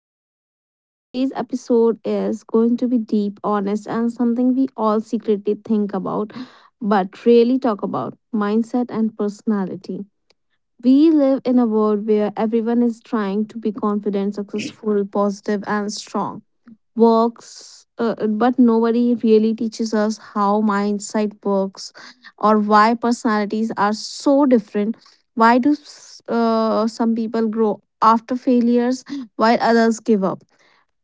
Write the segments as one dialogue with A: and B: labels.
A: Sophie, and today's episode is going to be deep, honest, and something we all secretly think about but really talk about mindset and personality. We live in a world where everyone is trying to be confident, successful, positive, and strong works but nobody really teaches us how mindset works or why personalities are so different. Why do some people grow after failures while others give up?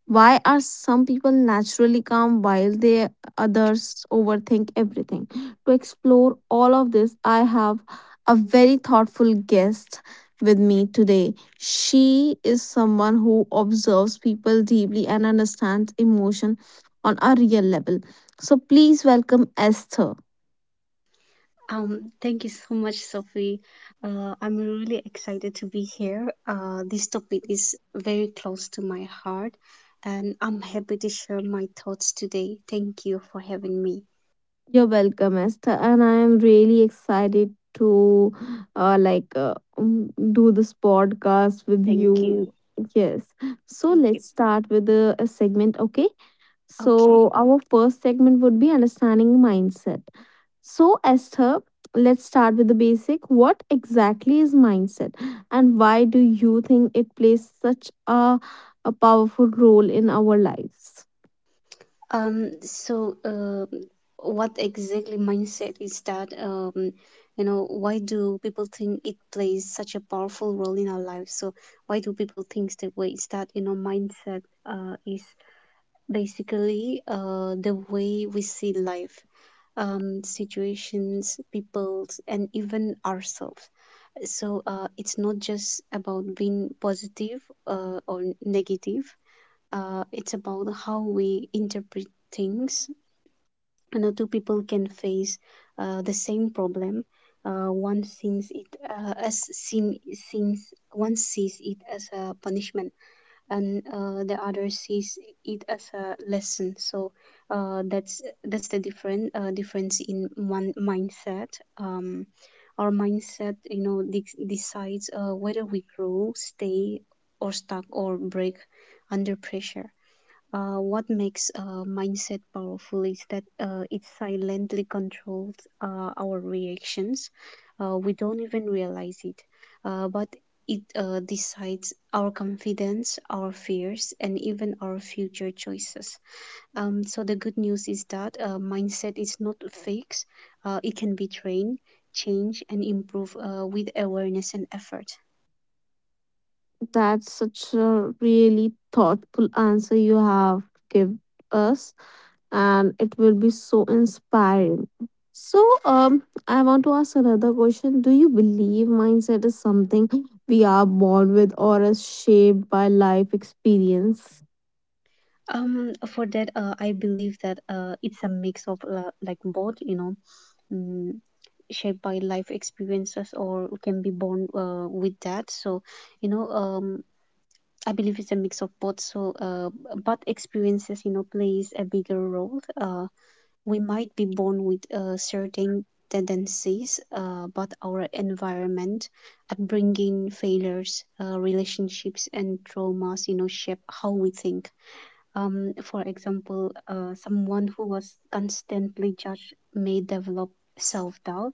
A: Why are some people naturally calm while they others overthink everything? To explore all of this, I have a very thoughtful guest with me today. She is someone who observes people deeply and understands emotion on a real level. So please welcome Esther.
B: Thank you so much, Sophie. I'm really excited to be here. This topic is very close to my heart, and I'm happy to share my thoughts today. Thank you for having me.
A: You're welcome, Esther, and I am really excited to uh, like uh, do this podcast with
B: Thank
A: you.
B: you.
A: Yes. So
B: Thank you.
A: let's start with a segment, okay?
B: Okay.
A: So our first segment would be understanding mindset. So Esther, let's start with the basic. What exactly is mindset, and why do you think it plays such a powerful role in our lives?
B: So what exactly mindset is that? You know, why do people think it plays such a powerful role in our lives? So, why do people think that way? Is that, you know, mindset is basically the way we see life, situations, people, and even ourselves. So it's not just about being positive or negative. It's about how we interpret things. You know, two people can face the same problem. Uh, one sees it uh, as seen, One sees it as a punishment and the other sees it as a lesson. So that's the different difference in one mindset. um, our mindset, you know, decides whether we grow, stay or stuck, or break under pressure. What makes mindset powerful is that it silently controls our reactions. We don't even realize it, but it decides our confidence, our fears, and even our future choices. So the good news is that mindset is not fixed. It can be trained, changed, and improved with awareness and effort.
A: That's such a really thoughtful answer you have give us, and it will be so inspiring. So, I want to ask another question. Do you believe mindset is something we are born with or is shaped by life experience?
B: For that, I believe that it's a mix of like both, you know. Um, Shaped by life experiences, or can be born with that. So, you know, I believe it's a mix of both. So but experiences, you know, plays a bigger role. We might be born with certain tendencies, but our environment, upbringing, failures, relationships, and traumas, you know, shape how we think. For example, someone who was constantly judged may develop self-doubt,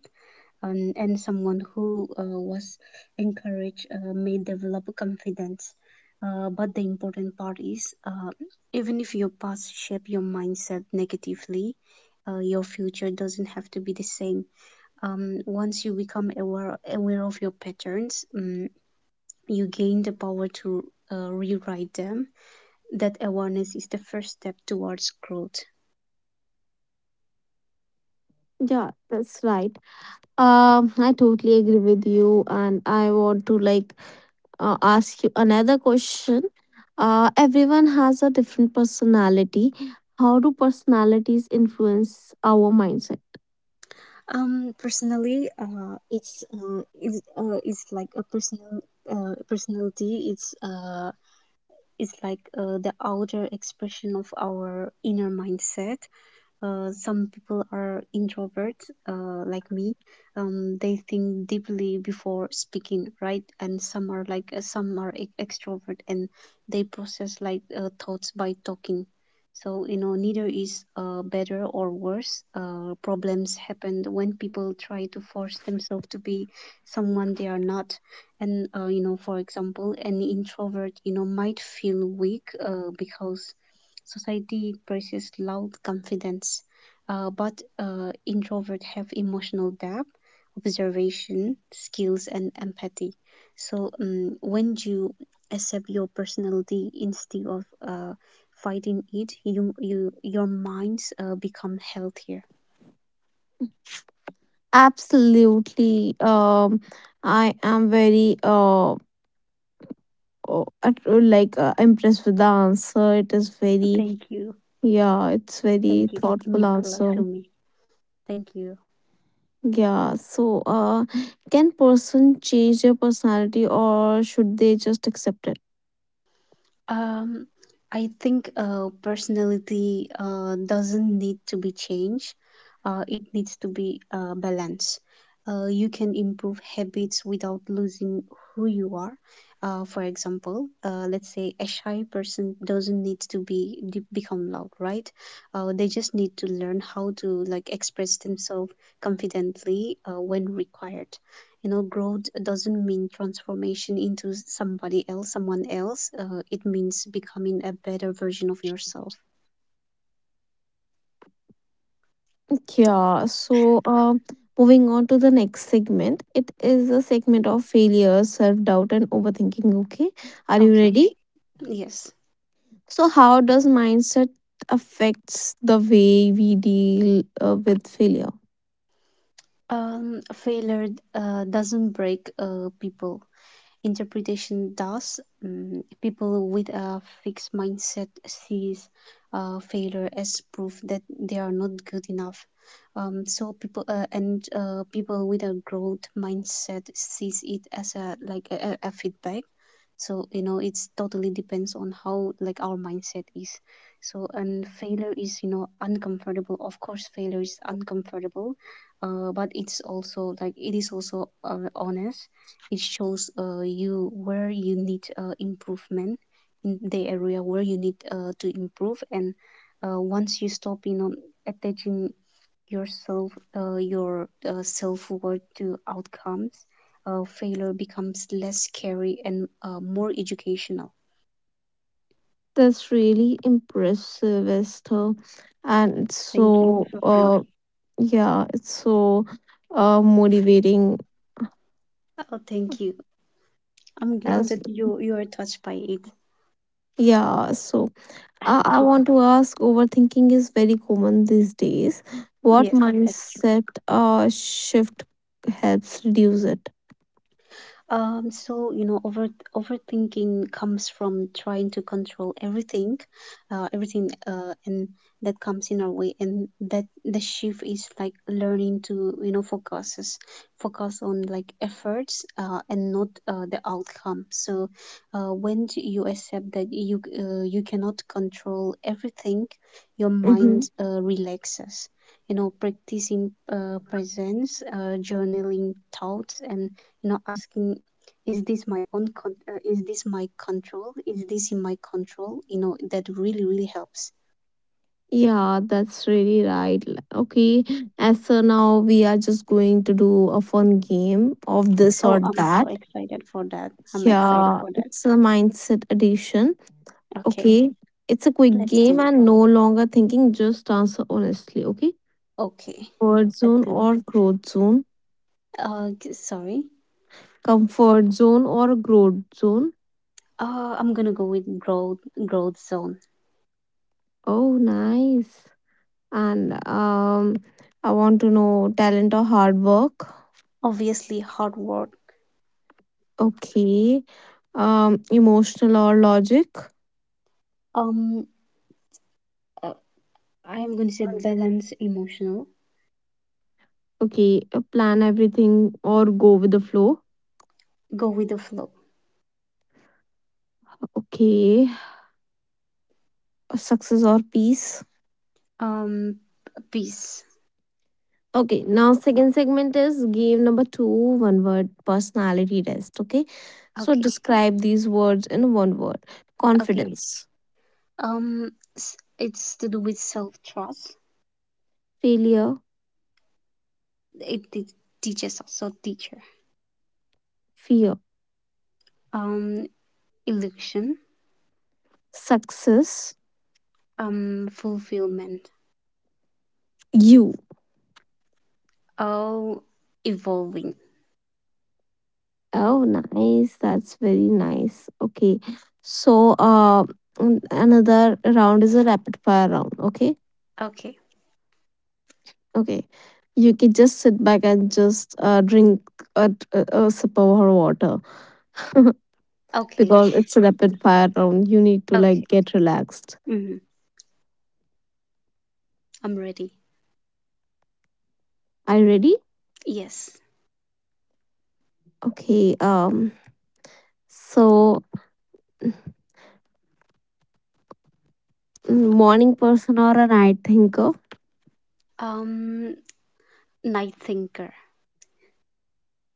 B: and someone who was encouraged may develop confidence. But the important part is, even if your past shaped your mindset negatively, your future doesn't have to be the same. Once you become aware of your patterns, you gain the power to rewrite them. That awareness is the first step towards growth.
A: Yeah, that's right. I totally agree with you, and I want to ask you another question. Everyone has a different personality. How do personalities influence our mindset?
B: Personally, it's like a personality. It's like the outer expression of our inner mindset. Some people are introverts, like me. They think deeply before speaking, right? And some are some are extrovert, and they process thoughts by talking. So, you know, neither is better or worse. Problems happen when people try to force themselves to be someone they are not. And you know, for example, an introvert, you know, might feel weak because society praises loud confidence, but introverts have emotional depth, observation skills, and empathy. So when you accept your personality instead of fighting it, you, your minds become healthier.
A: Absolutely. I am very at- like impressed with the answer. It is very,
B: Thank you.
A: yeah, it's very
B: Thank you. It
A: thoughtful
B: means a lot to
A: answer.
B: me. Thank you.
A: Yeah, so can person change their personality or should they just accept it?
B: Um, I think personality doesn't need to be changed. It needs to be balanced. You can improve habits without losing who you are. For example, let's say a shy person doesn't need to become loud, right? They just need to learn how to like express themselves confidently when required. You know, growth doesn't mean transformation into somebody else someone else. It means becoming a better version of yourself.
A: Yeah, so moving on to the next segment, it is a segment of failure, self doubt, and overthinking. Okay, are you
B: Okay.
A: ready?
B: Yes.
A: So, how does mindset affects the way we deal with failure?
B: Failure doesn't break people, interpretation does. People with a fixed mindset sees failure as proof that they are not good enough. People with a growth mindset sees it as a like a feedback. So, you know, it's totally depends on how like our mindset is. So, and failure is, you know, uncomfortable. Of course, failure is uncomfortable, but it's also like it is also honest. It shows you where you need improvement in the area where you need to improve. And once you stop, you know, attaching yourself, your self-worth to outcomes, failure becomes less scary and more educational.
A: That's really impressive, Esther, and it's
B: Thank you,
A: so
B: Sophie.
A: yeah, it's so motivating
B: Oh, thank you. i'm glad
A: as.
B: that you you are touched by it.
A: Yeah, so I want to ask overthinking is very common these days. What
B: Yes, that's—
A: mindset shift helps reduce it?
B: Um, so you know, over overthinking comes from trying to control everything, and that comes in our way. And that the shift is like learning to, you know, focus on like efforts, and not the outcome. So, when do you accept that you cannot control everything, your mind
A: Mhm.
B: relaxes. You know, practicing presence, journaling thoughts, and you know asking, is this my control is this in my control? You know, that really helps.
A: Yeah, that's really right. Okay, as so now we are just going to do a fun game of this
B: Oh,
A: or
B: I'm so
A: that.
B: excited for that.
A: Yeah, it's a mindset edition.
B: Okay.
A: Okay, it's a quick
B: Let's do
A: game
B: it.
A: and no longer thinking, just answer honestly. Okay,
B: Okay.
A: comfort
B: let's
A: zone
B: do it
A: or growth zone,
B: g- Sorry.
A: comfort zone or growth zone.
B: I'm gonna go with growth zone.
A: Oh, nice. And I want to know talent or hard work.
B: Obviously hard work.
A: Okay, emotional or logic.
B: um uh, I'm gonna say balance emotional.
A: Okay, plan everything or go with the flow.
B: Go with the flow.
A: Okay, success or peace?
B: um Peace.
A: Okay. Now, second segment is game number two, one word personality test. Okay, so
B: Okay.
A: describe these words in one word:
B: Okay.
A: confidence,
B: um it's to do with self trust.
A: failure,
B: it te- Teaches, also teacher.
A: fear,
B: um Illusion.
A: success,
B: Fulfillment.
A: you.
B: Oh, evolving.
A: Oh, nice. That's very nice. Okay, so another round is a rapid fire round. Okay.
B: Okay.
A: Okay. You can just sit back and just drink a sip of her water
B: Okay.
A: because it's a rapid fire round. You need to like
B: Okay.
A: get relaxed.
B: hmm I'm ready.
A: Are you ready?
B: Yes.
A: Okay. So, mm, morning person or a night thinker?
B: um Night thinker.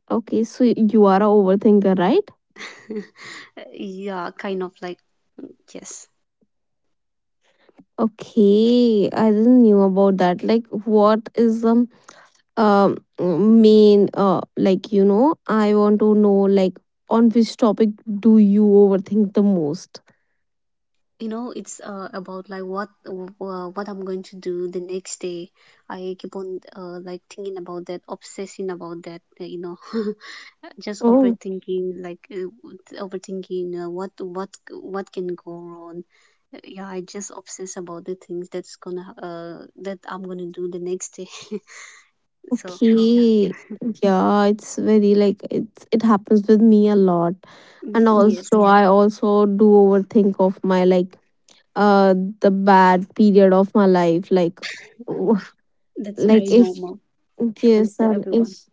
A: Okay. So you are a overthinker, right?
B: Yeah, kind of. Yes.
A: Okay. I didn't knew about that. Like, what is um main like, you know, I want to know like on which topic do you overthink the most?
B: You know, it's about what I'm going to do the next day. I keep on like thinking about that, obsessing about that, you know. Just
A: Oh,
B: overthinking, what can go wrong. Yeah, I just obsess about the things that's gonna that I'm gonna do the next day. So, yeah.
A: okay. Yeah, it's very like it's it happens with me a lot. And
B: Yes,
A: also I also do overthink of my like uh the bad period of my life. Like w-
B: that's very
A: like if,
B: normal. Happens
A: yes
B: to
A: and
B: everyone.
A: if,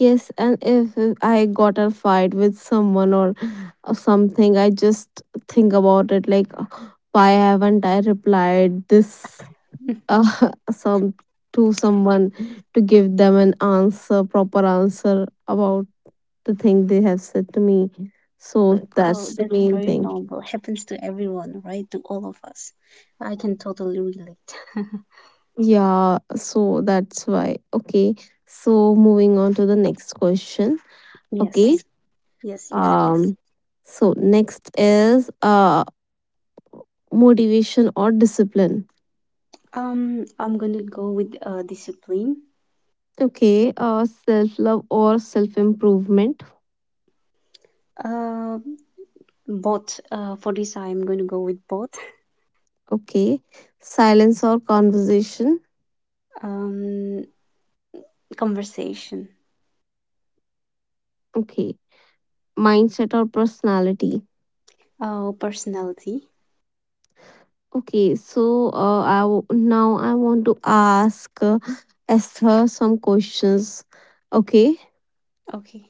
A: yes and if I got a fight with someone or something, I just think about it like, "Ugh, why haven't I replied this some to someone to give them an answer, proper answer about the thing they have said to me,
B: Uh,
A: so
B: Oh,
A: that's the
B: that's
A: main
B: very
A: thing."
B: normal. Happens to everyone, right? To all of us. I can totally relate.
A: Yeah, so that's why. Okay, so moving on to the next question. Okay,
B: Yes, yes, yes, please.
A: um so next is motivation or discipline.
B: I'm gonna go with discipline.
A: Okay, self love or self improvement.
B: Uh, both. For this, I'm gonna go with both.
A: Okay, silence or conversation.
B: Um, Conversation.
A: Okay, mindset or personality.
B: Oh, personality.
A: Okay, so I now I want to ask Esther some questions. Okay,
B: Okay.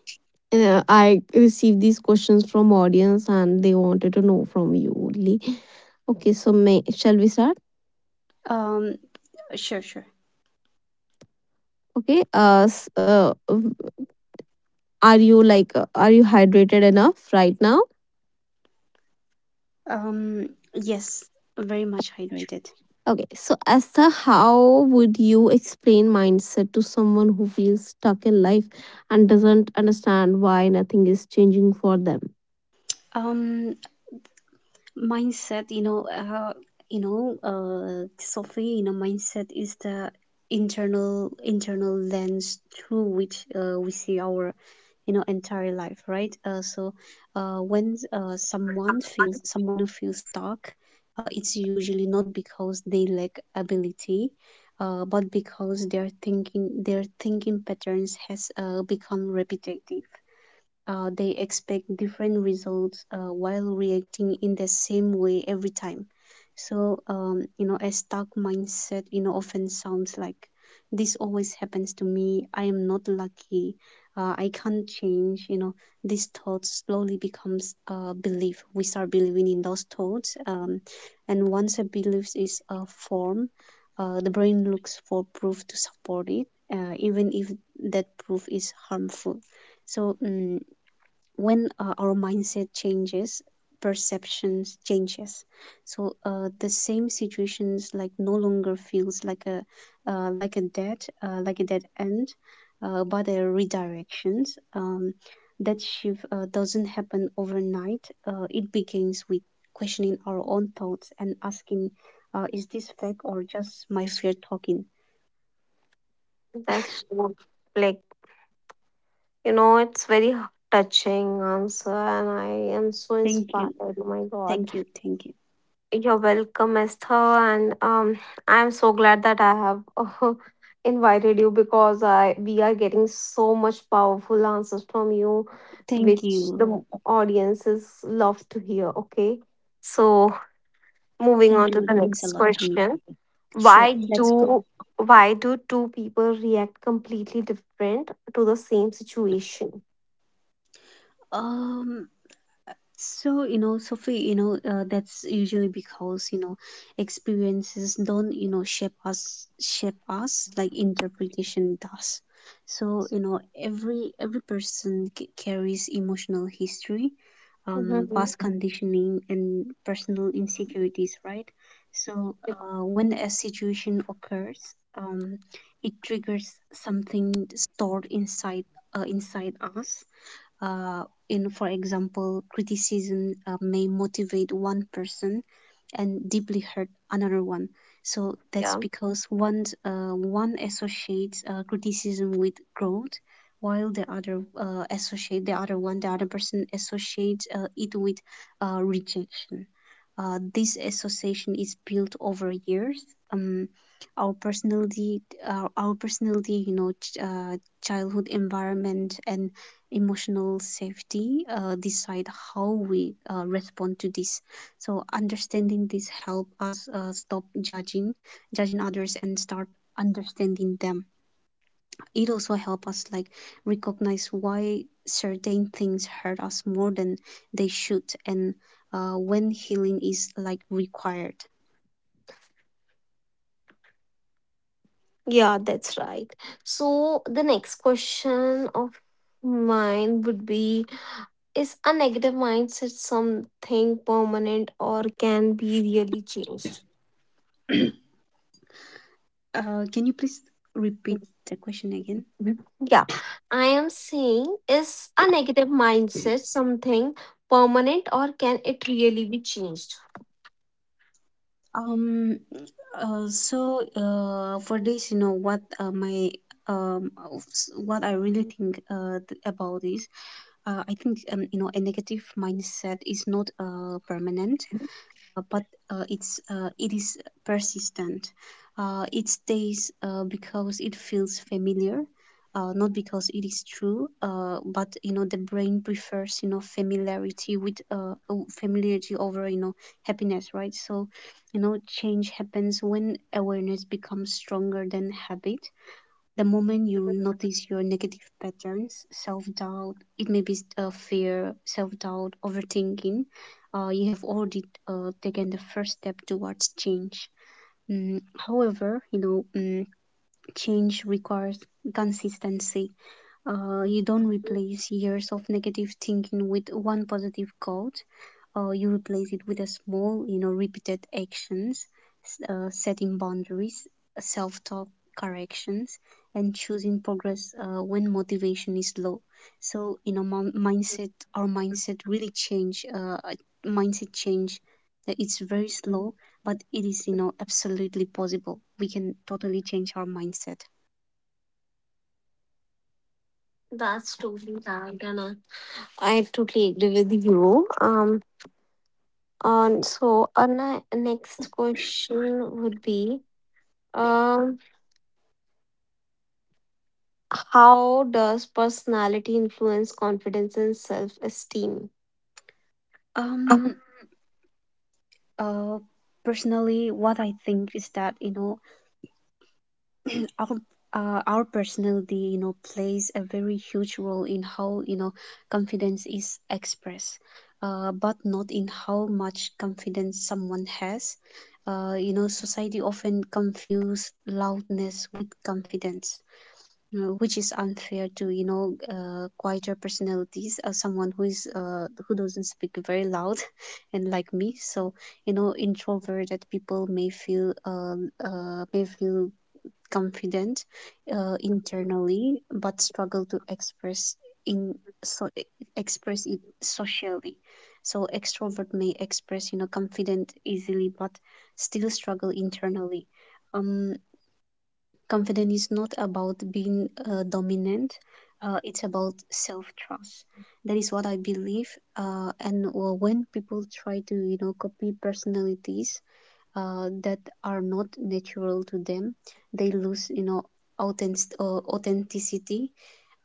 A: I received these questions from audience and they wanted to know from you only. Okay, so may shall we start?
B: Um, sure, sure.
A: Okay, are you are you hydrated enough right now?
B: Um, yes, very much hydrated.
A: Okay, so Asta, how would you explain mindset to someone who feels stuck in life and doesn't understand why nothing is changing for them?
B: Um, Mindset, you know, Sophie, you know, mindset is the internal lens through which we see our, you know, entire life, right? So when someone feels someone who feels stuck, it's usually not because they lack ability, but because their thinking patterns has become repetitive. They expect different results while reacting in the same way every time. So, you know, a stuck mindset, you know, often sounds like, this always happens to me. I am not lucky. I can't change. You know, these thoughts slowly becomes a belief. We start believing in those thoughts, and once a belief is formed, the brain looks for proof to support it, even if that proof is harmful. So, when our mindset changes, perceptions changes. So the same situations like no longer feels uh, like a dead like a dead end, but a redirections. That shift doesn't happen overnight. It begins with questioning our own thoughts and asking, is this fact or just my fear talking?
A: That's like, you know, it's very touching answer, and I am so
B: thank
A: inspired.
B: you
A: Oh my God.
B: thank you thank you
A: You're welcome, Esther, and I'm so glad that I have invited you because I we are getting so much powerful answers from you,
B: thank
A: which the
B: you
A: audiences love to hear. Okay, so moving
B: Thank
A: on to
B: you.
A: the
B: It means a
A: next
B: lot to me.
A: question:
B: Sure,
A: Why
B: let's go.
A: do why do two people react completely different to the same situation?
B: Um, so, you know, Sophie, you know, that's usually because, you know, experiences don't, you know, shape us like interpretation does. So, you know, every person carries emotional history,
A: Mhm.
B: past conditioning and personal insecurities, right? So when a situation occurs, it triggers something stored inside us. Uh, in For example, criticism may motivate one person and deeply hurt another one. So that's
A: Yeah.
B: because one associates criticism with growth, while the other associate the other one the other person associates it with rejection. This association is built over years. um, our personality our personality, you know, childhood environment and emotional safety decide how we respond to this. So understanding this help us stop judging judging others and start understanding them. It also help us like recognize why certain things hurt us more than they should, and when healing is like required.
A: Yeah, that's right. So the next question of mine would be, is a negative mindset something permanent or can be really changed?
B: Can you please repeat the question again?
A: Mhm. Yeah, I am saying is a negative mindset something permanent or can it really be changed?
B: Um, for this, you know, what I really think about this, I think, you know, a negative mindset is not permanent, but it's it is persistent. It stays because it feels familiar, not because it is true. But the brain prefers familiarity with familiarity over happiness, right? So, change happens when awareness becomes stronger than habit. The moment you notice your negative patterns, self doubt — it may be fear, self doubt, overthinking, you have already taken the first step towards change. Mm, However, change requires consistency. You don't replace years of negative thinking with one positive quote. You replace it with a small, repeated actions, setting boundaries, self-talk corrections, and choosing progress when motivation is low. So, mindset, our mindset really change. Uh, Mindset change. It's very slow, but it is, absolutely possible. We can totally change our mindset.
A: That's totally right, and I totally agree with you. On so our next question would be, um, how does personality influence confidence and self-esteem? Um,
B: Um, uh, Personally, what I think is that our our personality plays a very huge role in how confidence is expressed, but not in how much confidence someone has. Society often confuse loudness with confidence, which is unfair to quieter personalities, someone who is who doesn't speak very loud and like me, so introverted people may feel uh, may feel confident internally, but struggle to express in so express it socially. So extrovert may express confident easily, but still struggle internally. um Confidence is not about being dominant. It's about self-trust. That is what I believe. And When people try to copy personalities that are not natural to them, they lose authenticity.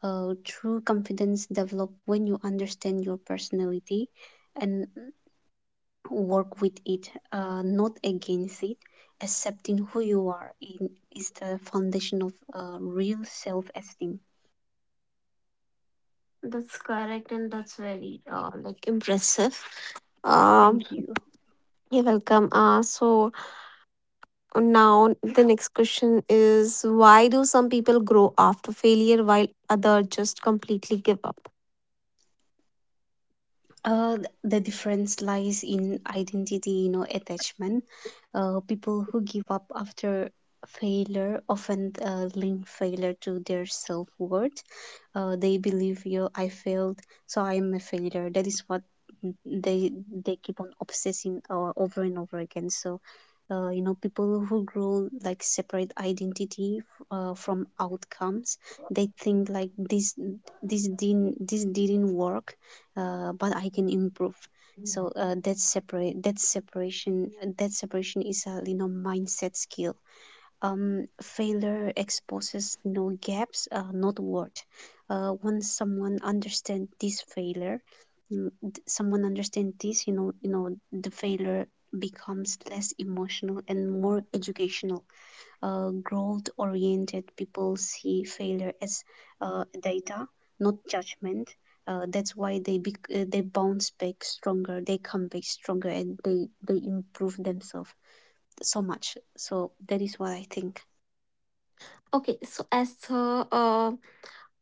B: True confidence develop when you understand your personality and work with it, not against it. Accepting who you are in, is the foundation of real self esteem.
A: That's correct, and that's very like impressive. Um,
B: Thank you.
A: you're welcome. So now the next question is why do some people grow after failure while others just completely give up?
B: The difference lies in identity, attachment. People who give up after failure often link failure to their self worth. They believe, I failed, so I am a failure. That is what they keep on obsessing, over and over again. So, people who grow like separate identity from outcomes. They think like this: this didn't work, but I can improve. So, that separation is a mindset skill. Failure exposes no gaps, not worth. Once someone understands this failure, mm, th- Someone understands this, the failure becomes less emotional and more educational. Growth-oriented people see failure as data, not judgment. That's why they bounce back stronger, they come back stronger, and they improve themselves so much. So that is what I think.
A: Okay, so as the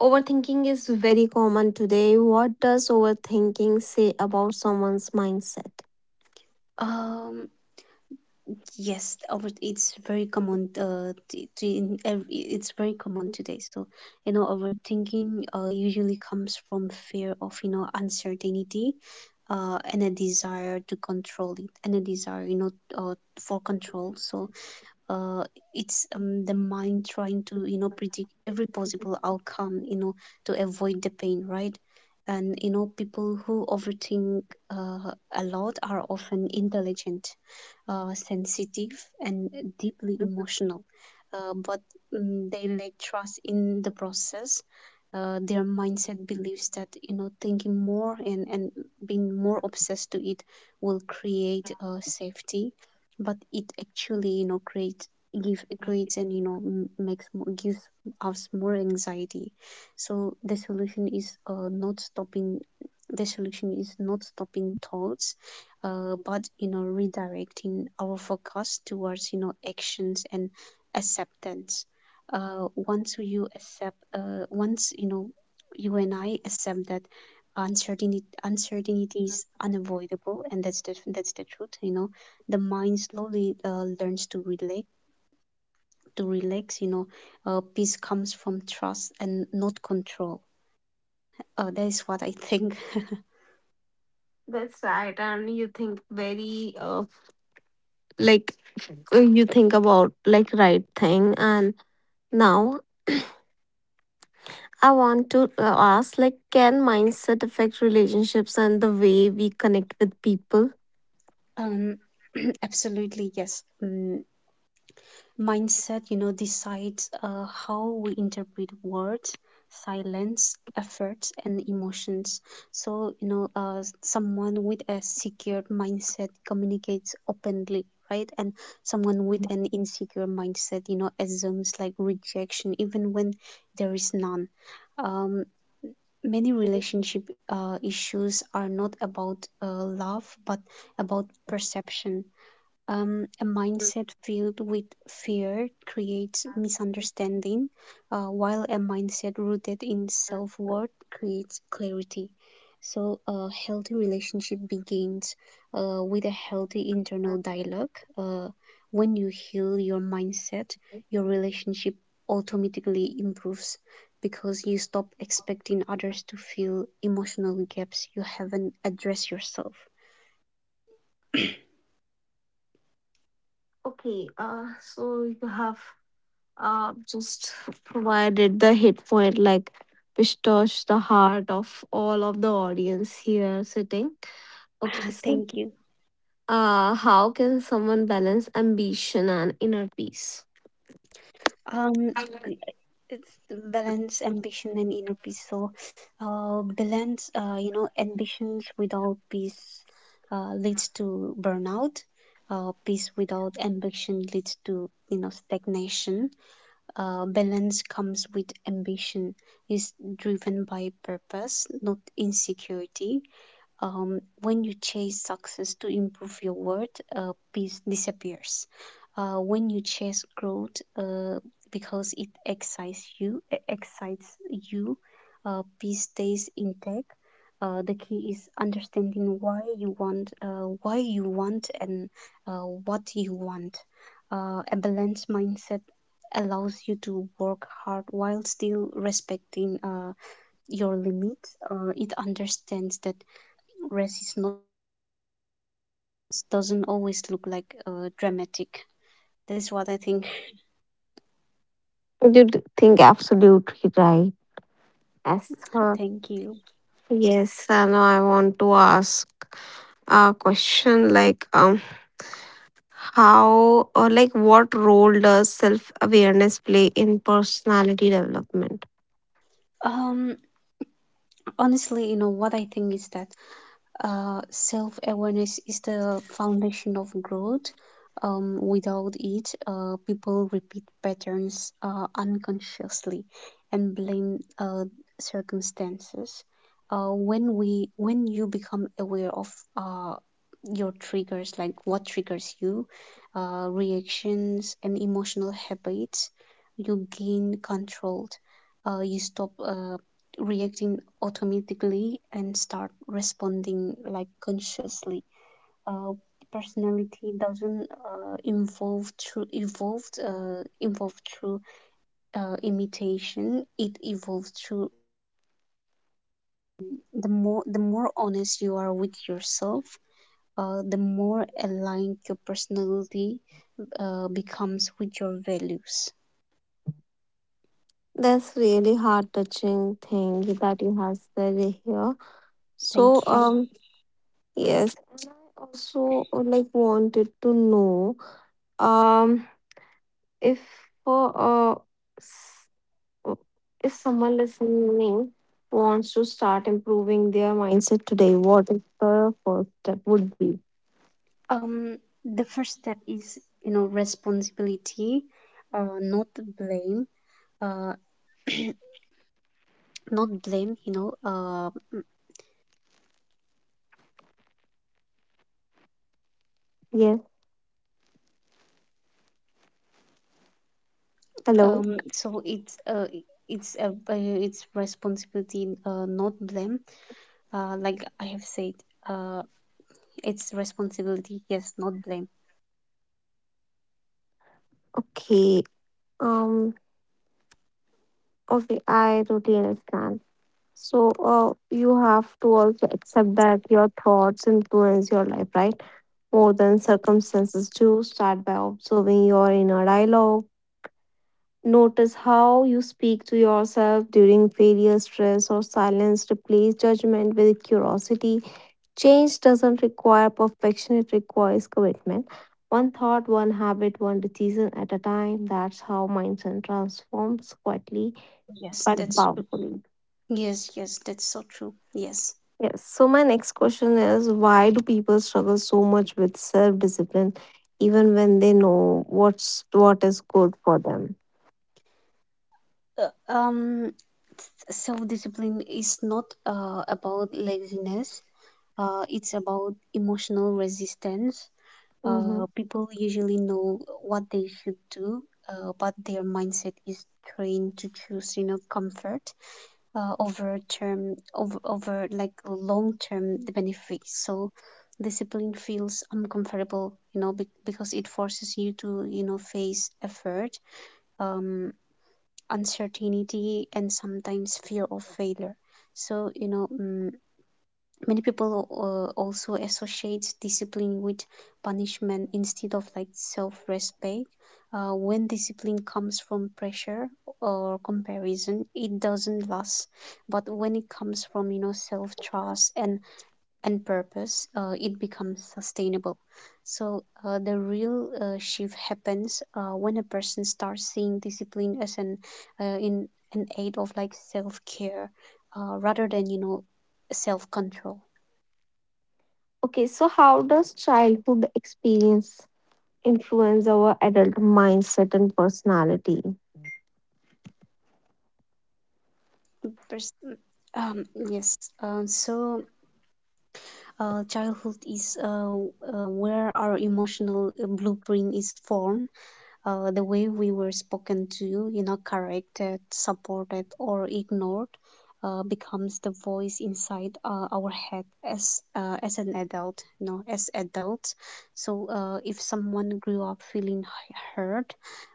A: overthinking is very common today. What does overthinking say about someone's mindset?
B: Um, yes, over it's very common. It's very common today. So, overthinking usually comes from fear of uncertainty, and a desire to control it, and a desire for control. So, uh, it's the mind trying to predict every possible outcome, to avoid the pain, right? And people who overthink uh, a lot are often intelligent, sensitive, and deeply emotional, but they lack trust in the process. Their mindset believes that thinking more and being more obsessed to it will create safety, but it actually creates give creates and makes more, gives us more anxiety. So the solution is not stopping thoughts, but redirecting our focus towards actions and acceptance. Once you and I accept that uncertainty is unavoidable, and that's the truth, the mind slowly learns to relax. Peace comes from trust and not control. That is what I think.
A: That's right, and you think very like you think about like right thing. And now I want to ask, like, can mindset affect relationships and the way we connect with people?
B: um Absolutely yes. Mm. Mindset, decides how we interpret words, silence, efforts, and emotions. So, someone with a secured mindset communicates openly, right? And someone with an insecure mindset, assumes like rejection even when there is none. Um, Many relationship issues are not about love, but about perception. A mindset filled with fear creates misunderstanding, while a mindset rooted in self worth creates clarity. So, a healthy relationship begins with a healthy internal dialogue. Uh, when you heal your mindset, your relationship automatically improves because you stop expecting others to fill emotional gaps you haven't addressed yourself.
A: Okay, so you have just provided the hit point, like which touched the heart of all of the audience here sitting. Okay, so
B: Thank you.
A: how can someone balance ambition and inner peace?
B: Um, i- it's the balance, ambition, and inner peace. So, balance, ambitions without peace leads to burnout. Peace without ambition leads to, stagnation. Balance comes with ambition, is driven by purpose, not insecurity. When you chase success to improve your worth, peace disappears. When you chase growth because it excites you, peace stays intact. The key is understanding why you want, and what you want. A balanced mindset allows you to work hard while still respecting your limits. It understands that resistance doesn't always look like dramatic. That's what I think.
A: You think absolutely right.
B: Thank
A: Yes,
B: you.
A: sir. Yes, and I want to ask a question like how or like what role does self awareness play in personality development?
B: Um, Honestly, you know what I think is that self awareness is the foundation of growth. Without it, people repeat patterns unconsciously and blame circumstances. When you become aware of uh, your triggers, like what triggers you, reactions and emotional habits, you gain control. You stop reacting automatically and start responding like consciously. Uh, Personality doesn't evolve through imitation. It evolves through — the more honest you are with yourself, the more aligned your personality becomes with your values.
A: That's really heart touching thing that you have said here.
B: Thank
A: So
B: you.
A: yes, and I also like wanted to know um if uh, uh s- uh, if someone listening wants to start improving their mindset today, what is the first step would be?
B: Um, the first step is responsibility, not blame. Uh, Not blame.
A: Yes. Hello.
B: So it's responsibility, not blame. Like I have said, uh, it's responsibility, yes, not blame.
A: Okay. Um. Okay, I totally understand. So, you have to also accept that your thoughts influence your life, right? More than circumstances do. Start by observing your inner dialogue. Notice how you speak to yourself during failure, stress, or silence. Replace judgment with curiosity. Change doesn't require perfection, it requires commitment. One thought, one habit, one decision at a time. That's how mindset transforms quietly
B: Yes,
A: but
B: that's true.
A: powerfully.
B: Yes, yes, that's so true. Yes.
A: Yes. So my next question is why do people struggle so much with self-discipline even when they know what is good for them?
B: uh, um Self discipline is not about laziness, it's about emotional resistance.
A: Hmm.
B: People usually know what they should do, but their mindset is trained to choose, comfort, over like long term benefits. So discipline feels uncomfortable, because it forces you to, face effort, um, uncertainty, and sometimes fear of failure. So many people also associate discipline with punishment instead of like self-respect. When discipline comes from pressure or comparison, it doesn't last, but when it comes from self-trust and purpose, it becomes sustainable. So, the real shift happens when a person starts seeing discipline as uh, in an aid of like self-care, rather than self-control.
A: Okay, so how does childhood experience influence our adult mindset and personality?
B: Pers- yes. So, childhood is where our emotional blueprint is formed. The way we were spoken to, corrected, supported, or ignored, becomes the voice inside our head as an adult. As adults. So, if someone grew up feeling hurt,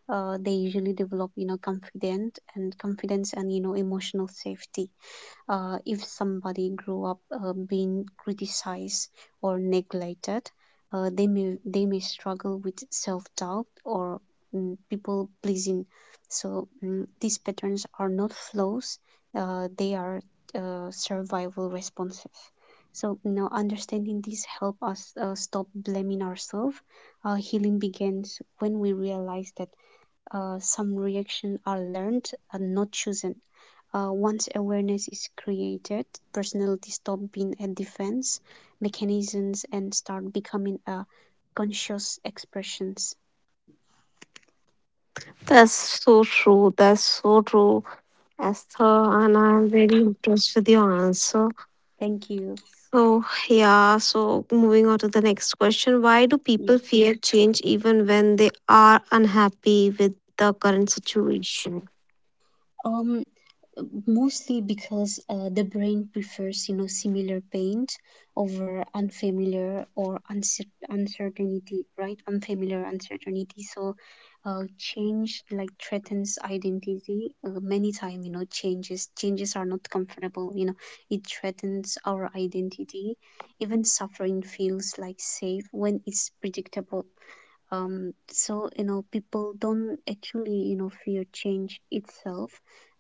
B: they usually develop, confident and confidence and emotional safety. If somebody grew up being criticized or neglected, they may struggle with self doubt or people pleasing. So these patterns are not flaws; they are survival responses. So understanding this help us stop blaming ourselves. Healing begins when we realize that some reactions are learned and not chosen. Once awareness is created, personality stop being a defense mechanisms and start becoming a conscious expressions.
A: That's so true. That's so true, Esther. And I'm very impressed with your answer.
B: Thank you.
A: Oh, yeah. So, moving on to the next question: why do people
B: Yes.
A: fear change even when they are unhappy with the current situation?
B: Um, Mostly because the brain prefers similar pain over unfamiliar or uncertainty, right? Unfamiliar uncertainty, so change like threatens identity. Many time, changes are not comfortable. It threatens our identity. Even suffering feels like safe when it's predictable. So, people don't actually fear change itself.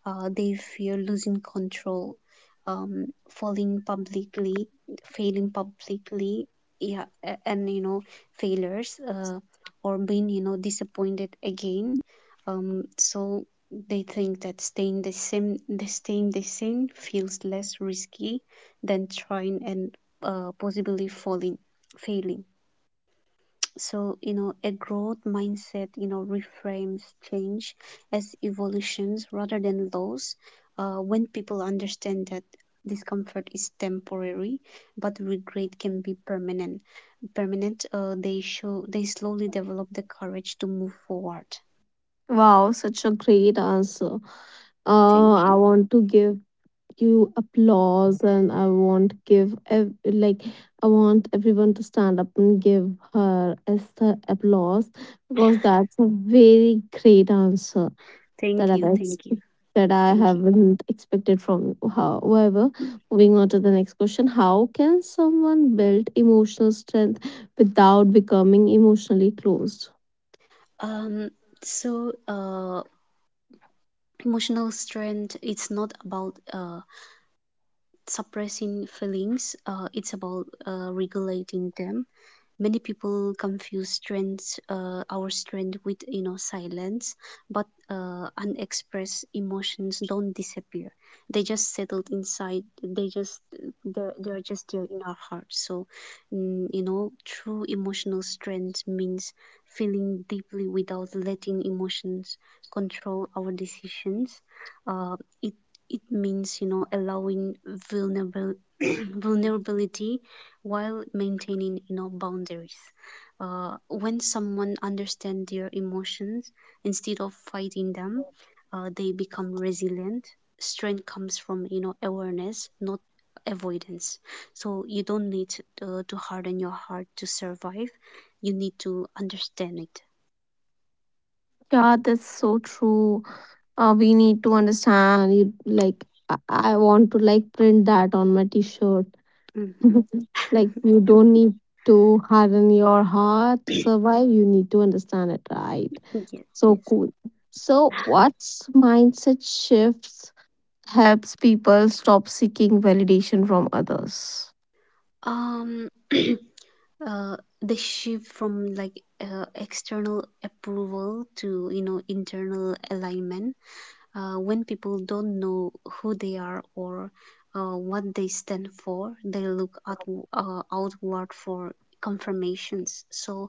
B: They fear losing control, um, falling publicly, failing publicly, yeah, and failures, or being disappointed again. So they think that staying the same, the staying the same feels less risky than trying and possibly falling, failing. So you know a growth mindset you know reframes change as evolutions rather than loss. When people understand that discomfort is temporary but regret can be permanent permanent, they show they slowly develop the courage to move forward.
A: Wow, such a great answer.
B: Thank
A: I
B: you.
A: want to give you applause and I want give like I want everyone to stand up and give her as the applause because that's a very great answer that
B: thank
A: I've
B: you thank you
A: that I
B: thank you
A: haven't expected from you. However, moving on to the next question, how can someone build emotional strength without becoming emotionally closed?
B: um so emotional strength, it's not about suppressing feelings. It's about regulating them. Many people confuse strength, our strength, with you know silence, but unexpressed emotions don't disappear. They just settled inside. They're just there in our heart. So, you know true emotional strength means feeling deeply without letting emotions control our decisions. Uh, it means you know allowing vulnerable vulnerability while maintaining you know boundaries. When someone understands their emotions instead of fighting them, they become resilient. Strength comes from you know awareness, not avoidance. So you don't need to harden your heart to survive, you need to understand it.
A: Yeah, that's so true. Uh, we need to understand you like I want to like print that on my t-shirt
B: Mhm.
A: like, you don't need to harden your heart to survive, you need to understand it, right?
B: yes
A: So
B: yes
A: cool. So what's mindset shifts helps people stop seeking validation from others.
B: um uh, the shift from like external approval to you know internal alignment. When people don't know who they are or what they stand for, they look outward for confirmations. So,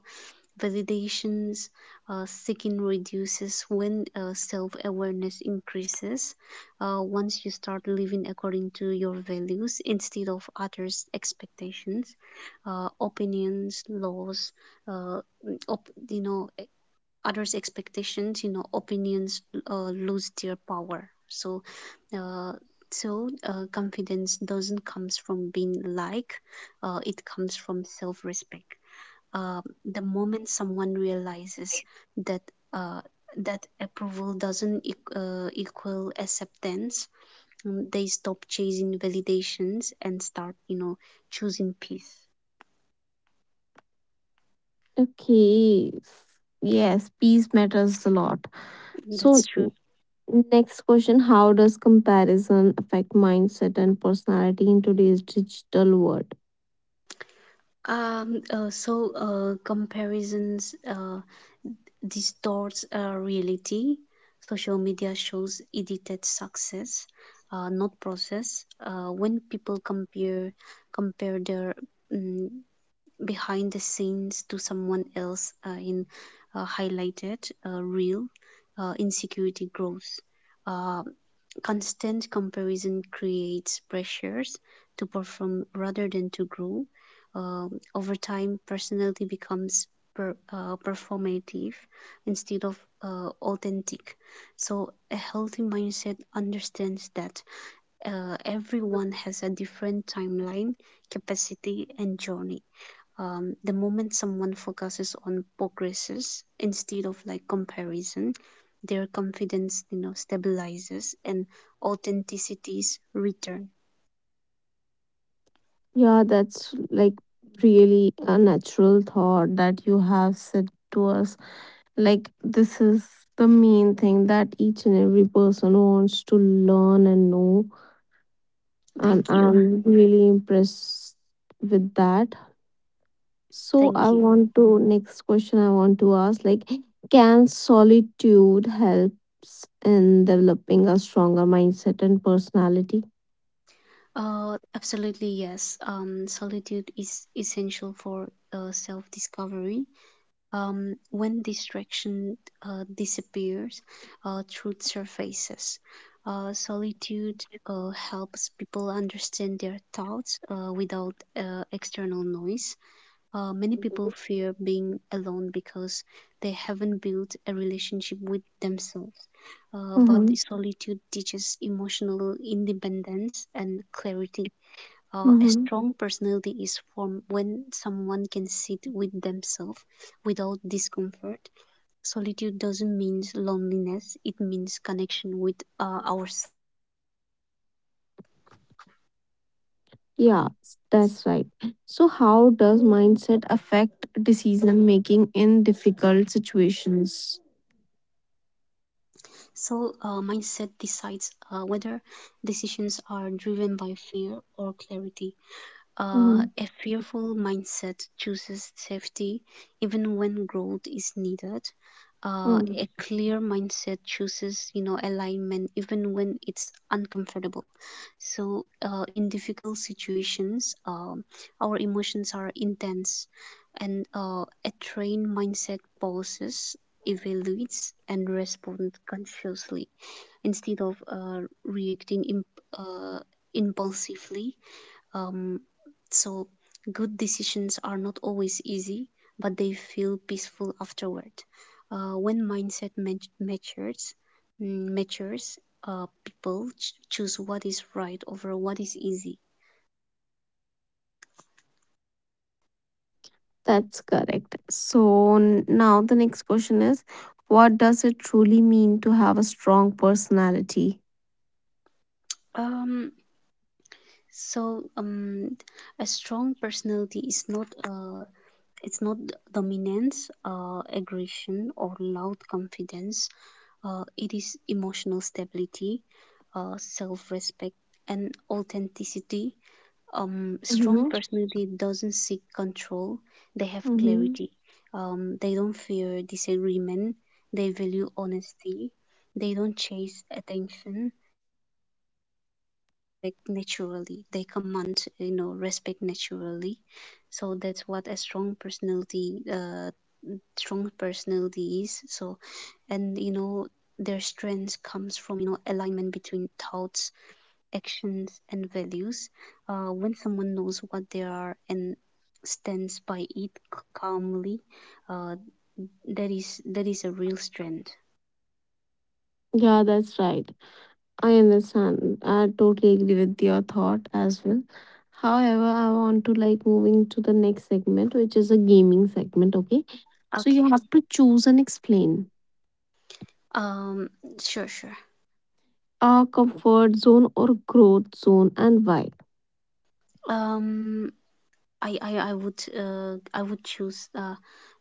B: validations seeking reduces when self awareness increases. Once you start living according to your values instead of others' expectations, opinions, laws, uh, op- you know, others' expectations, you know, opinions lose their power. Uh, so confidence doesn't comes from being liked; it comes from self-respect. The moment someone realizes that uh, approval doesn't equal acceptance, they stop chasing validations and start you know, choosing peace.
A: Okay, yes, peace matters a lot.
B: That's
A: So
B: true.
A: next question: how does comparison affect mindset and personality in today's digital world?
B: So comparisons distorts reality. Social media shows edited success, not process. When people compare their mm behind the scenes to someone else in highlighted real, insecurity grows. Uh, Constant comparison creates pressures to perform rather than to grow. Over time, personality becomes performative instead of authentic. So a healthy mindset understands that everyone has a different timeline, capacity, and journey. The moment someone focuses on progresses instead of like comparison, their confidence you know stabilizes and authenticities return.
A: Yeah, that's like really a natural thought that you have said to us. Like, this is the main thing that each and every person wants to learn and know. And
B: Thank you.
A: I'm really impressed with that. So, I
B: Thank you.
A: want to, next question I want to ask like, can solitude helps in developing a stronger mindset and personality?
B: Absolutely yes. Solitude is essential for self-discovery. When distraction disappears, truth surfaces. Solitude helps people understand their thoughts without external noise. Many people fear being alone because they haven't built a relationship with themselves. But solitude teaches emotional independence and clarity. A
A: Mm-hmm.
B: strong personality is formed when someone can sit with themselves without discomfort. Solitude doesn't mean loneliness, it means connection with ourselves.
A: Yeah, that's right. So, how does mindset affect decision making in difficult situations?
B: Mindset decides whether decisions are driven by fear or clarity. Uh,
A: Mhm.
B: a fearful mindset chooses safety even when growth is needed. Uh,
A: Mm,
B: a clear mindset chooses you know, alignment even when it's uncomfortable. In difficult situations, our emotions are intense, and a trained mindset pauses, evaluates, and responds consciously instead of reacting uh, impulsively. um, so, Good decisions are not always easy, but they feel peaceful afterward. When mindset matures, mm, matures, people choose what is right over what is easy.
A: that's correct. So, now the next question is what does it truly mean to have a strong personality?
B: Um, so a strong personality is not it's not dominance, aggression, or loud confidence. It is emotional stability, self respect, and authenticity. Strong
A: Mm-hmm.
B: personality doesn't seek control, they have
A: Mm-hmm.
B: clarity. They don't fear disagreement, they value honesty. They don't chase attention like naturally. They command you know, respect naturally. So that's what a strong personality strong personalities, so and you know their strength comes from you know alignment between thoughts, actions, and values. When someone knows what they are and stands by it calmly, uh, that is a real strength.
A: Yeah, that's right. I understand. I totally agree with your thought as well. However, I want to like moving to the next segment, which is a gaming segment. Okay. So
B: Okay.
A: you have to choose and explain
B: um sure sure
A: a comfort zone or growth zone and why.
B: um i i, I would I would choose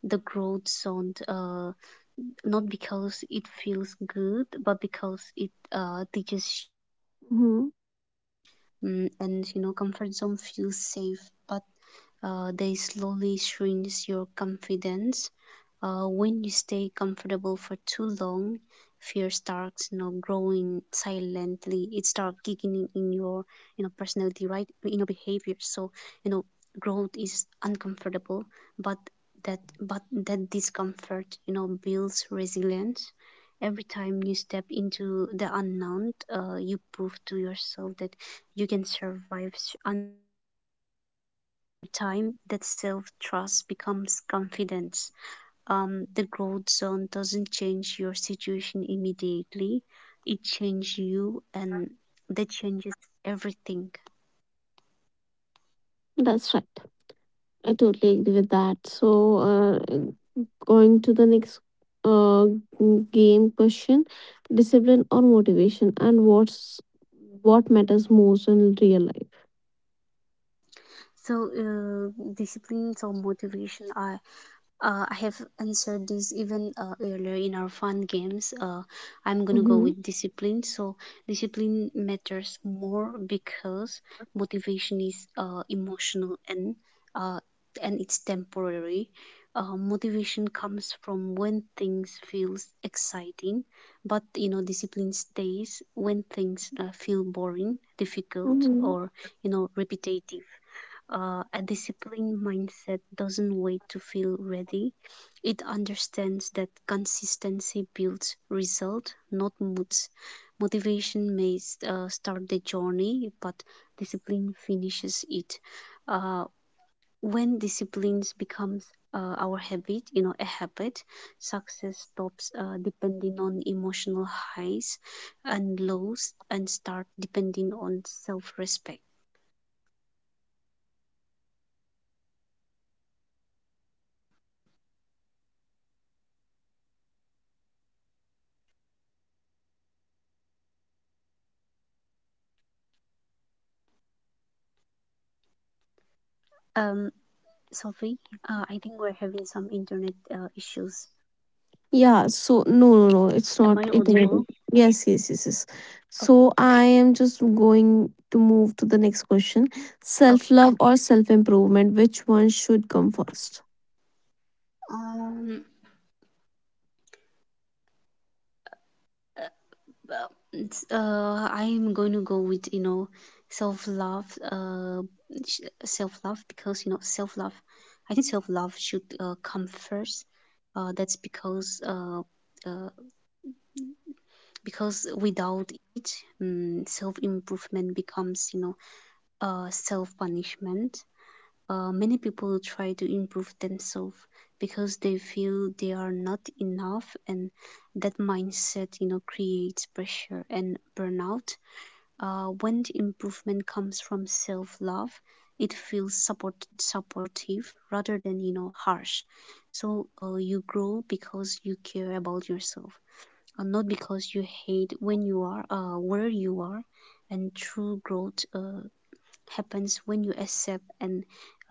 B: the growth zone, not because it feels good, but because it teaches. Mm, and
A: Hmm.
B: you know, comfort zone feels safe, but they slowly shrinks your confidence. When you stay comfortable for too long, fear starts you know, growing silently. It starts kicking in your you know, personality, right? In your behavior. So you know, growth is uncomfortable, but that discomfort you know, builds resilience. Every time you step into the unknown, you prove to yourself that you can survive, and time that self-trust becomes confidence. The growth zone doesn't change your situation immediately. It changes you, and that changes everything.
A: That's right. I totally agree with that. So, uh, going to the next game question, discipline or motivation, and what matters most in real life.
B: So disciplines or motivation are, I have answered this even earlier in our fun games. I'm gonna go with discipline. So discipline matters more because motivation is emotional and uh, it's temporary. Motivation comes from when things feels exciting, but you know discipline stays when things feel boring, difficult,
A: Hmm.
B: or you know repetitive. A disciplined mindset doesn't wait to feel ready. It understands that consistency builds result, not moods. Motivation may start the journey, but discipline finishes it. Uh, when disciplines becomes our habit, you know, a habit, success stops depending on emotional highs and lows and start depending on self-respect. Um, Sophie, I think we're having some internet issues.
A: Yeah, so no, no, no, it's
B: Am
A: not
B: I
A: iterative.
B: audible?
A: Yes, yes, yes, yes.
B: Okay,
A: So I am just going to move to the next question. Self
B: okay.
A: love or self improvement, which one should come first?
B: Um, uh, well, it's, I'm going to go with you know self love. Self love because self love. I think self love should come first. That's uh, because without it, self improvement becomes you know self punishment. Many people try to improve themselves because they feel they are not enough, and that mindset you know, creates pressure and burnout. When the improvement comes from self-love, it feels supportive rather than you know harsh. So you grow because you care about yourself, not because you hate when you are where you are. And true growth happens when you accept and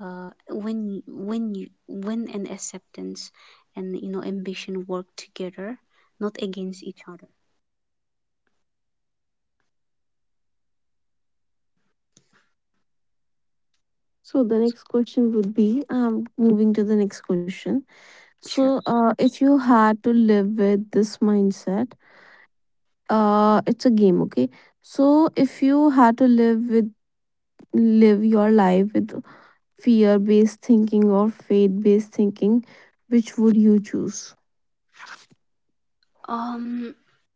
B: when an acceptance and you know ambition work together, not against each other.
A: So the next question would be moving to the next question. So,
B: Sure.
A: uh, if you had to live with this mindset, uh, it's a game, okay? So if you had to live with live your life with fear based thinking or faith based thinking, which would you choose?
B: um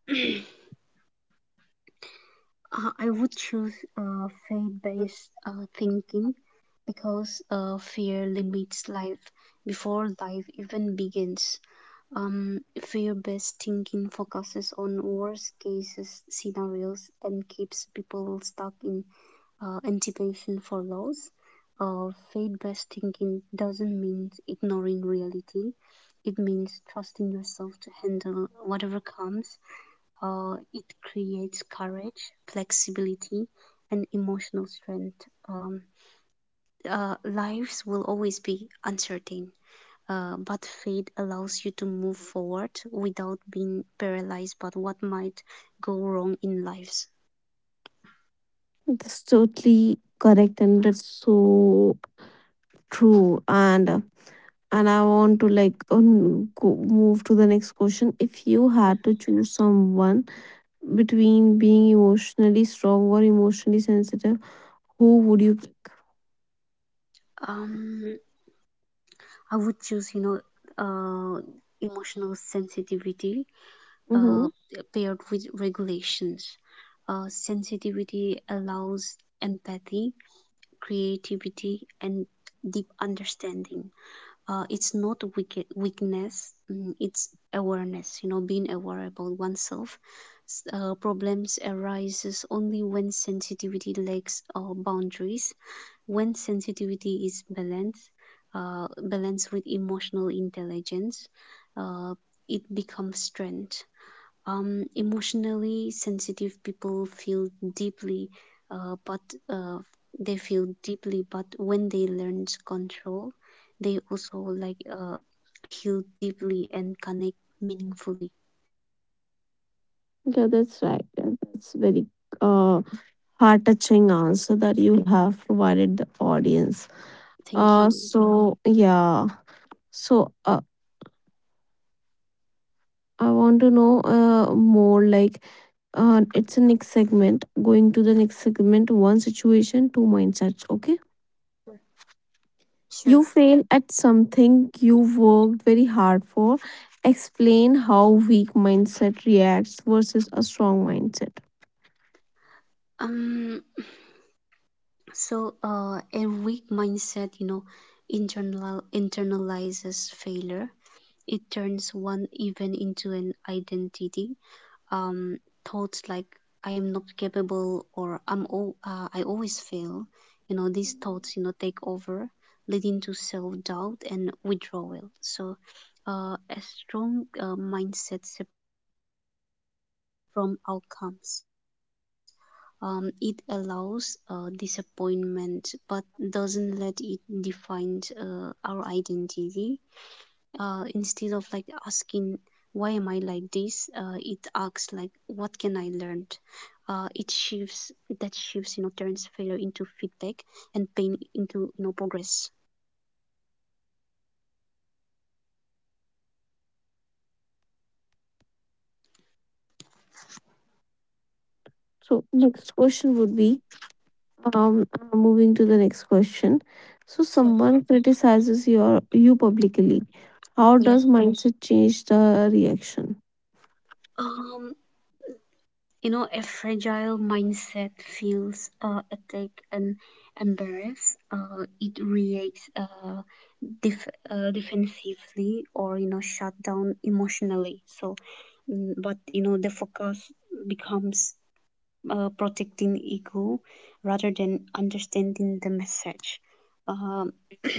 B: uh, I would choose faith-based thinking because fear limits life before life even begins. Fear-based thinking focuses on worst cases scenarios and keeps people stuck in anticipation follows. Faith based thinking doesn't mean ignoring reality, it means trusting yourself to handle whatever comes. It creates courage, flexibility, and emotional strength. Um, lives will always be uncertain. But faith allows you to move forward without being paralyzed by what might go wrong in lives.
A: That's totally correct, and that's so true. And I want to like, move to the next question. If you had to choose someone between being emotionally strong or emotionally sensitive, who would you pick?
B: Um, I would choose you know, uh, emotional sensitivity uh,
A: Mm-hmm.
B: paired with regulations. Sensitivity allows empathy, creativity, and deep understanding. It's not weakness, it's awareness, you know, being aware about oneself. Problems arises only when sensitivity lacks boundaries. When sensitivity is balanced, balanced with emotional intelligence, uh, it becomes strength. Emotionally sensitive people feel deeply, but uh, they feel deeply. But when they learn to control, they also heal deeply and connect meaningfully.
A: Yeah, that's right. Yeah, that's very uh heart touching answer that you have provided the audience.
B: Thank
A: Uh,
B: you.
A: so yeah. So, I want to know, more like, it's a next segment. Going to the next segment, one situation, two mindsets.
B: Sure.
A: Okay. You fail at something you worked very hard for. Explain how weak mindset reacts versus a strong
B: Um,
A: mindset.
B: So a weak mindset you know, internalizes failure. It turns one event into an identity. Um, thoughts like I am not capable or I'm I always fail. You know, these thoughts you know, take over, leading to self doubt and withdrawal. So a strong mindset separate from outcomes. It allows disappointment but doesn't let it define our identity. Instead of like asking why am I like this, it asks like what can I learn. It shifts That shifts, you know turns failure into feedback and pain into you know progress.
A: So next question would be, moving to the next question. So
B: Sure.
A: someone criticizes you publicly. How
B: Yeah.
A: does mindset change the reaction?
B: um You know, a fragile mindset feels attacked and embarrassed. It reacts defensively or you know, shut down emotionally. So, the focus becomes protecting ego rather than understanding the message. Um,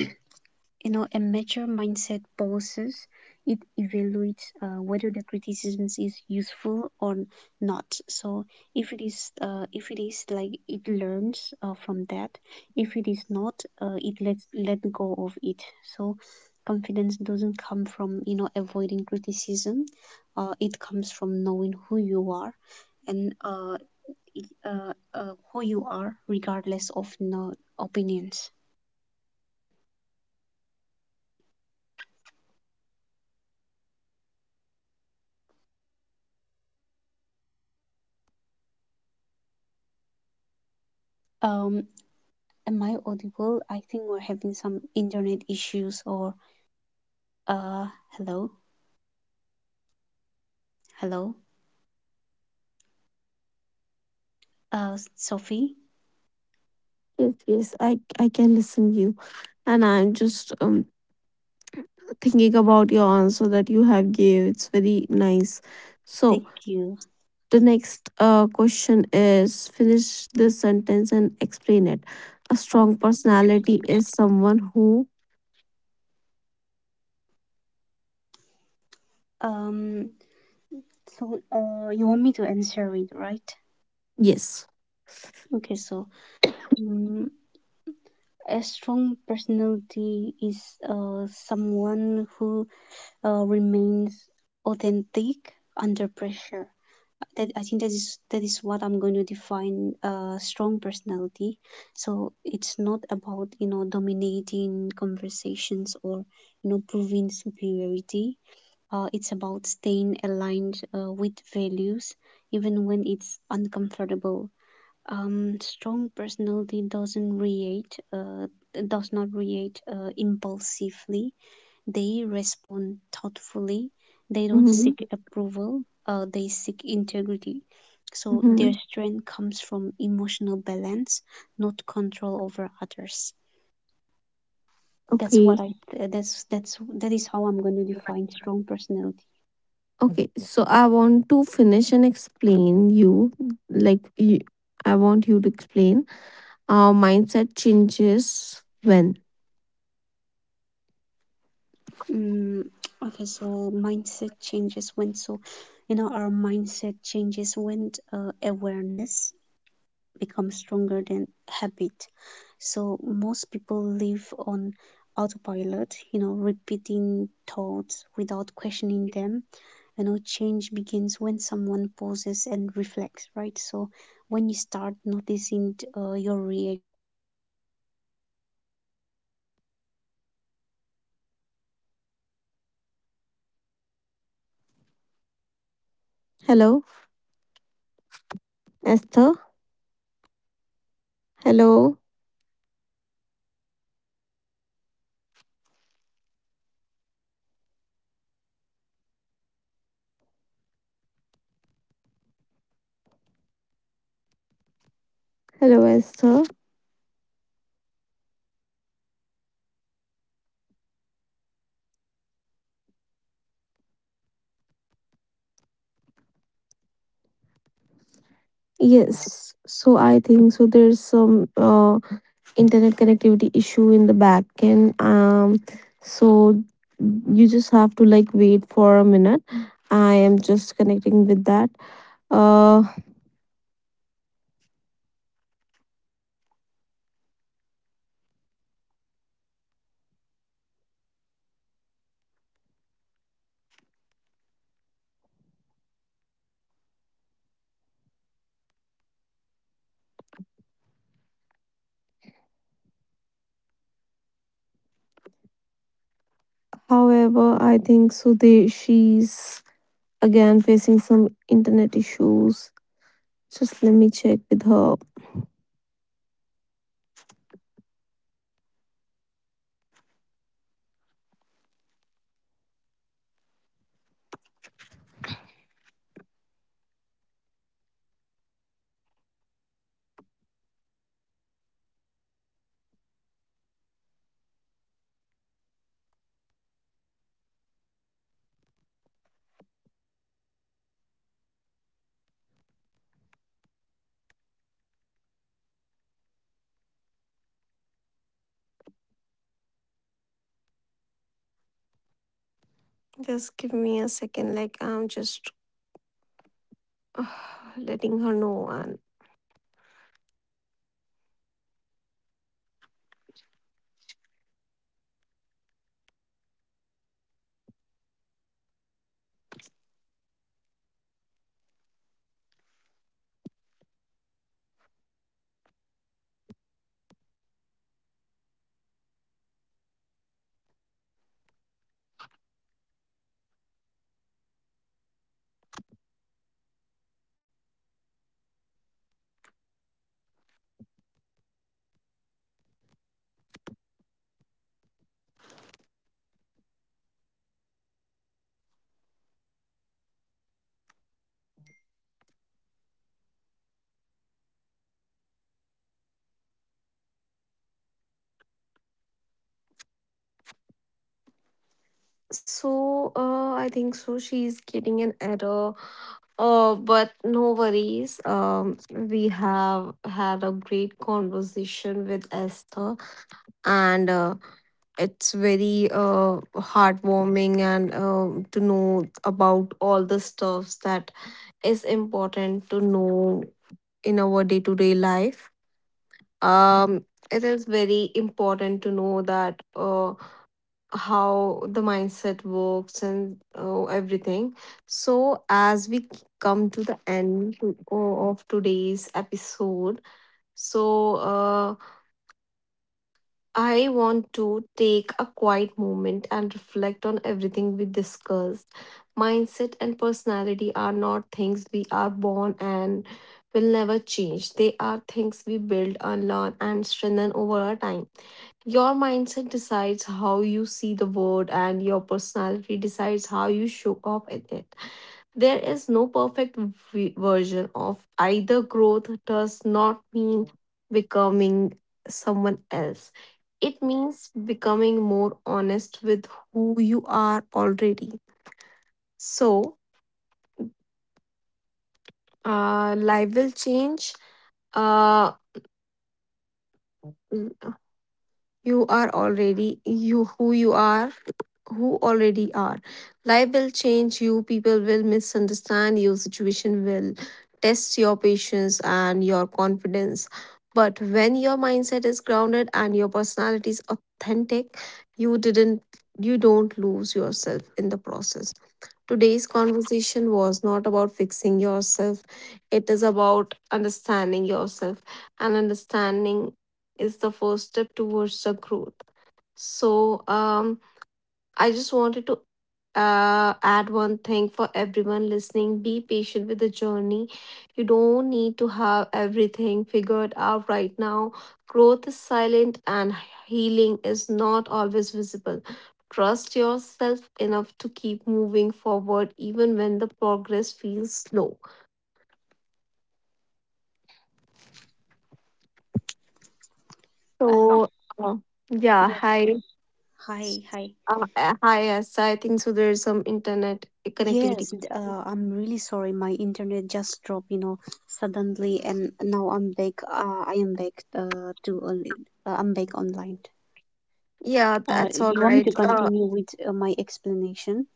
B: you know, a mature mindset pauses. It evaluates whether the criticism is useful or not. So if it is like it learns from that. If it is not, it lets let go of it. So confidence doesn't come from you know avoiding criticism. It comes from knowing who you are, and who you are regardless of no opinions. Um, Am I audible? I think we're having some internet issues or uh hello. Hello. Sophie,
A: Yes, yes, I can listen you, and I'm just thinking about your answer that you have gave. It's very nice. So
B: thank you.
A: the next question is finish this sentence and explain it. A
B: Oh,
A: strong personality
B: interesting.
A: is someone who.
B: Um so you want me to answer it, right?
A: Yes.
B: Okay, so um, a strong personality is someone who remains authentic under pressure. That I think that is That is what I'm going to define a strong personality. So it's not about you know dominating conversations or you know proving superiority. It's about staying aligned with values even when it's uncomfortable. Strong personality does not react impulsively, they respond thoughtfully. They don't seek
A: Mm-hmm.
B: approval, they seek integrity. So their
A: Mm-hmm.
B: strength comes from emotional balance, not control over others. That's
A: Okay.
B: what I that's That is how I'm going to define strong personality.
A: Okay. So I want to finish and explain like you, I want you to explain. Mindset changes when.
B: Mm, okay, so mindset changes when, so you know, our mindset changes when awareness becomes stronger than habit. So most people live on autopilot, you know, repeating thoughts without questioning them. You know, change begins when someone pauses and reflects, right? So when you start noticing your reactions, your self-talk, and your
A: Hello, Esther. Hello, hello, Esther. Yes, so I think so, there's some, internet connectivity issue in the back end. So you just have to like wait for a minute. I am just connecting with that. Uh, however, I think so, They she's again facing some internet issues. Just let me check with her. Just give me a second. Like, I'm just letting her know. And so, I think so, she's getting an error. But no worries. We have had a great conversation with Esther, and, it's very heartwarming, and to know about all the stuffs that is important to know in our day to day life. Um, it is very important to know that. How the mindset works and, everything. So, as we come to the end of today's episode, so, I want to take a quiet moment and reflect on everything we discussed. Mindset and personality are not things we are born and will never change, they are things we build, unlearn, and strengthen over our time. Your mindset decides how you see the world, and your personality decides how you show up in it. There is no perfect version of either. Growth does not mean becoming someone else. It means becoming more honest with who you are already. So, life will change. Uh, you are already you who you are who already are. Life will change you, people will misunderstand you, situation will test your patience and your confidence. But when your mindset is grounded and your personality is authentic, you didn't you don't lose yourself in the process. Today's conversation was not about fixing yourself. It is about understanding yourself, and understanding is the first step towards the growth. So, I just wanted to, add one thing for everyone listening: be patient with the journey. You don't need to have everything figured out right now. Growth is silent, and healing is not always visible. Trust yourself enough to keep moving forward, even when the progress feels slow.
B: Um,
A: So, uh, yeah,
B: yeah.
A: hi.
B: Hi, hi.
A: Hi, yes, I think so, there's some internet connectivity.
B: Yes, I'm really sorry. My internet just dropped you know, suddenly, and now I'm back. I am back to only. I'm back online.
A: Yeah, that's all
B: You want me
A: right.
B: to continue with my explanation?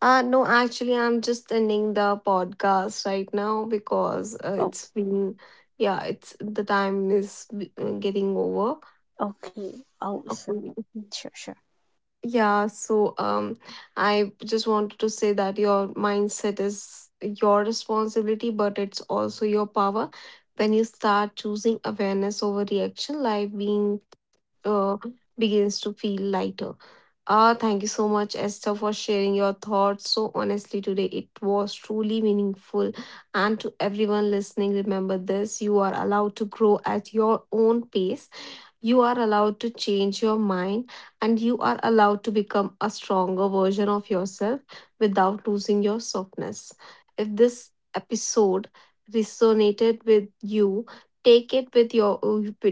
A: uh, no, actually, I'm just ending the podcast right now because,
B: Oh,
A: it's been, yeah, it's the time is, getting over.
B: okay. Oh, sure,
A: Okay.
B: sure, sure.
A: Yeah, so, I just wanted to say that your mindset is your responsibility, but it's also your power. When you start choosing awareness over reaction, life being uh, begins to feel lighter. Ah, thank you so much, Esther, for sharing your thoughts so honestly today. It was truly meaningful. And to everyone listening, remember this: you are allowed to grow at your own pace, you are allowed to change your mind, and you are allowed to become a stronger version of yourself without losing your softness. If this episode resonated with you, take it with your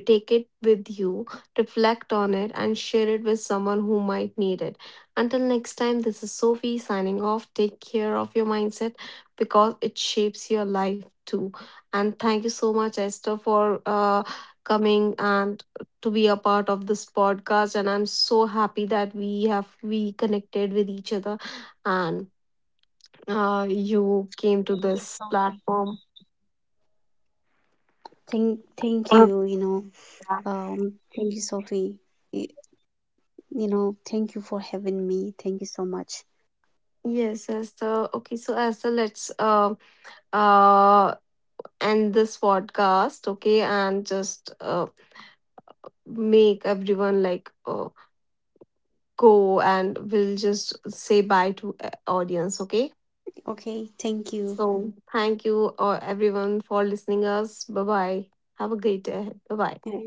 A: take it with you, reflect on it, and share it with someone who might need it. Until next time, this is Sophie signing off. Take care of your mindset because it shapes your life too. And thank you so much, Esther, for, coming and to be a part of this podcast, and I'm
B: Thank you,
A: so
B: Sophie.
A: happy that we connected with each other.
B: Thank
A: And,
B: you. Thank you,
A: you
B: Sophie.
A: came to
B: Y-
A: this platform.
B: You know, thank you for having me. Thank you so much.
A: Yes, yes. So okay, so Esther, let's, uh end this podcast, okay? And just, make everyone like,
B: Okay, thank you.
A: go, and we'll just say bye to, audience, okay?
B: Yeah,
A: So thank
B: Thank you.
A: you, everyone for listening us. Bye bye. Have a great day. Bye bye.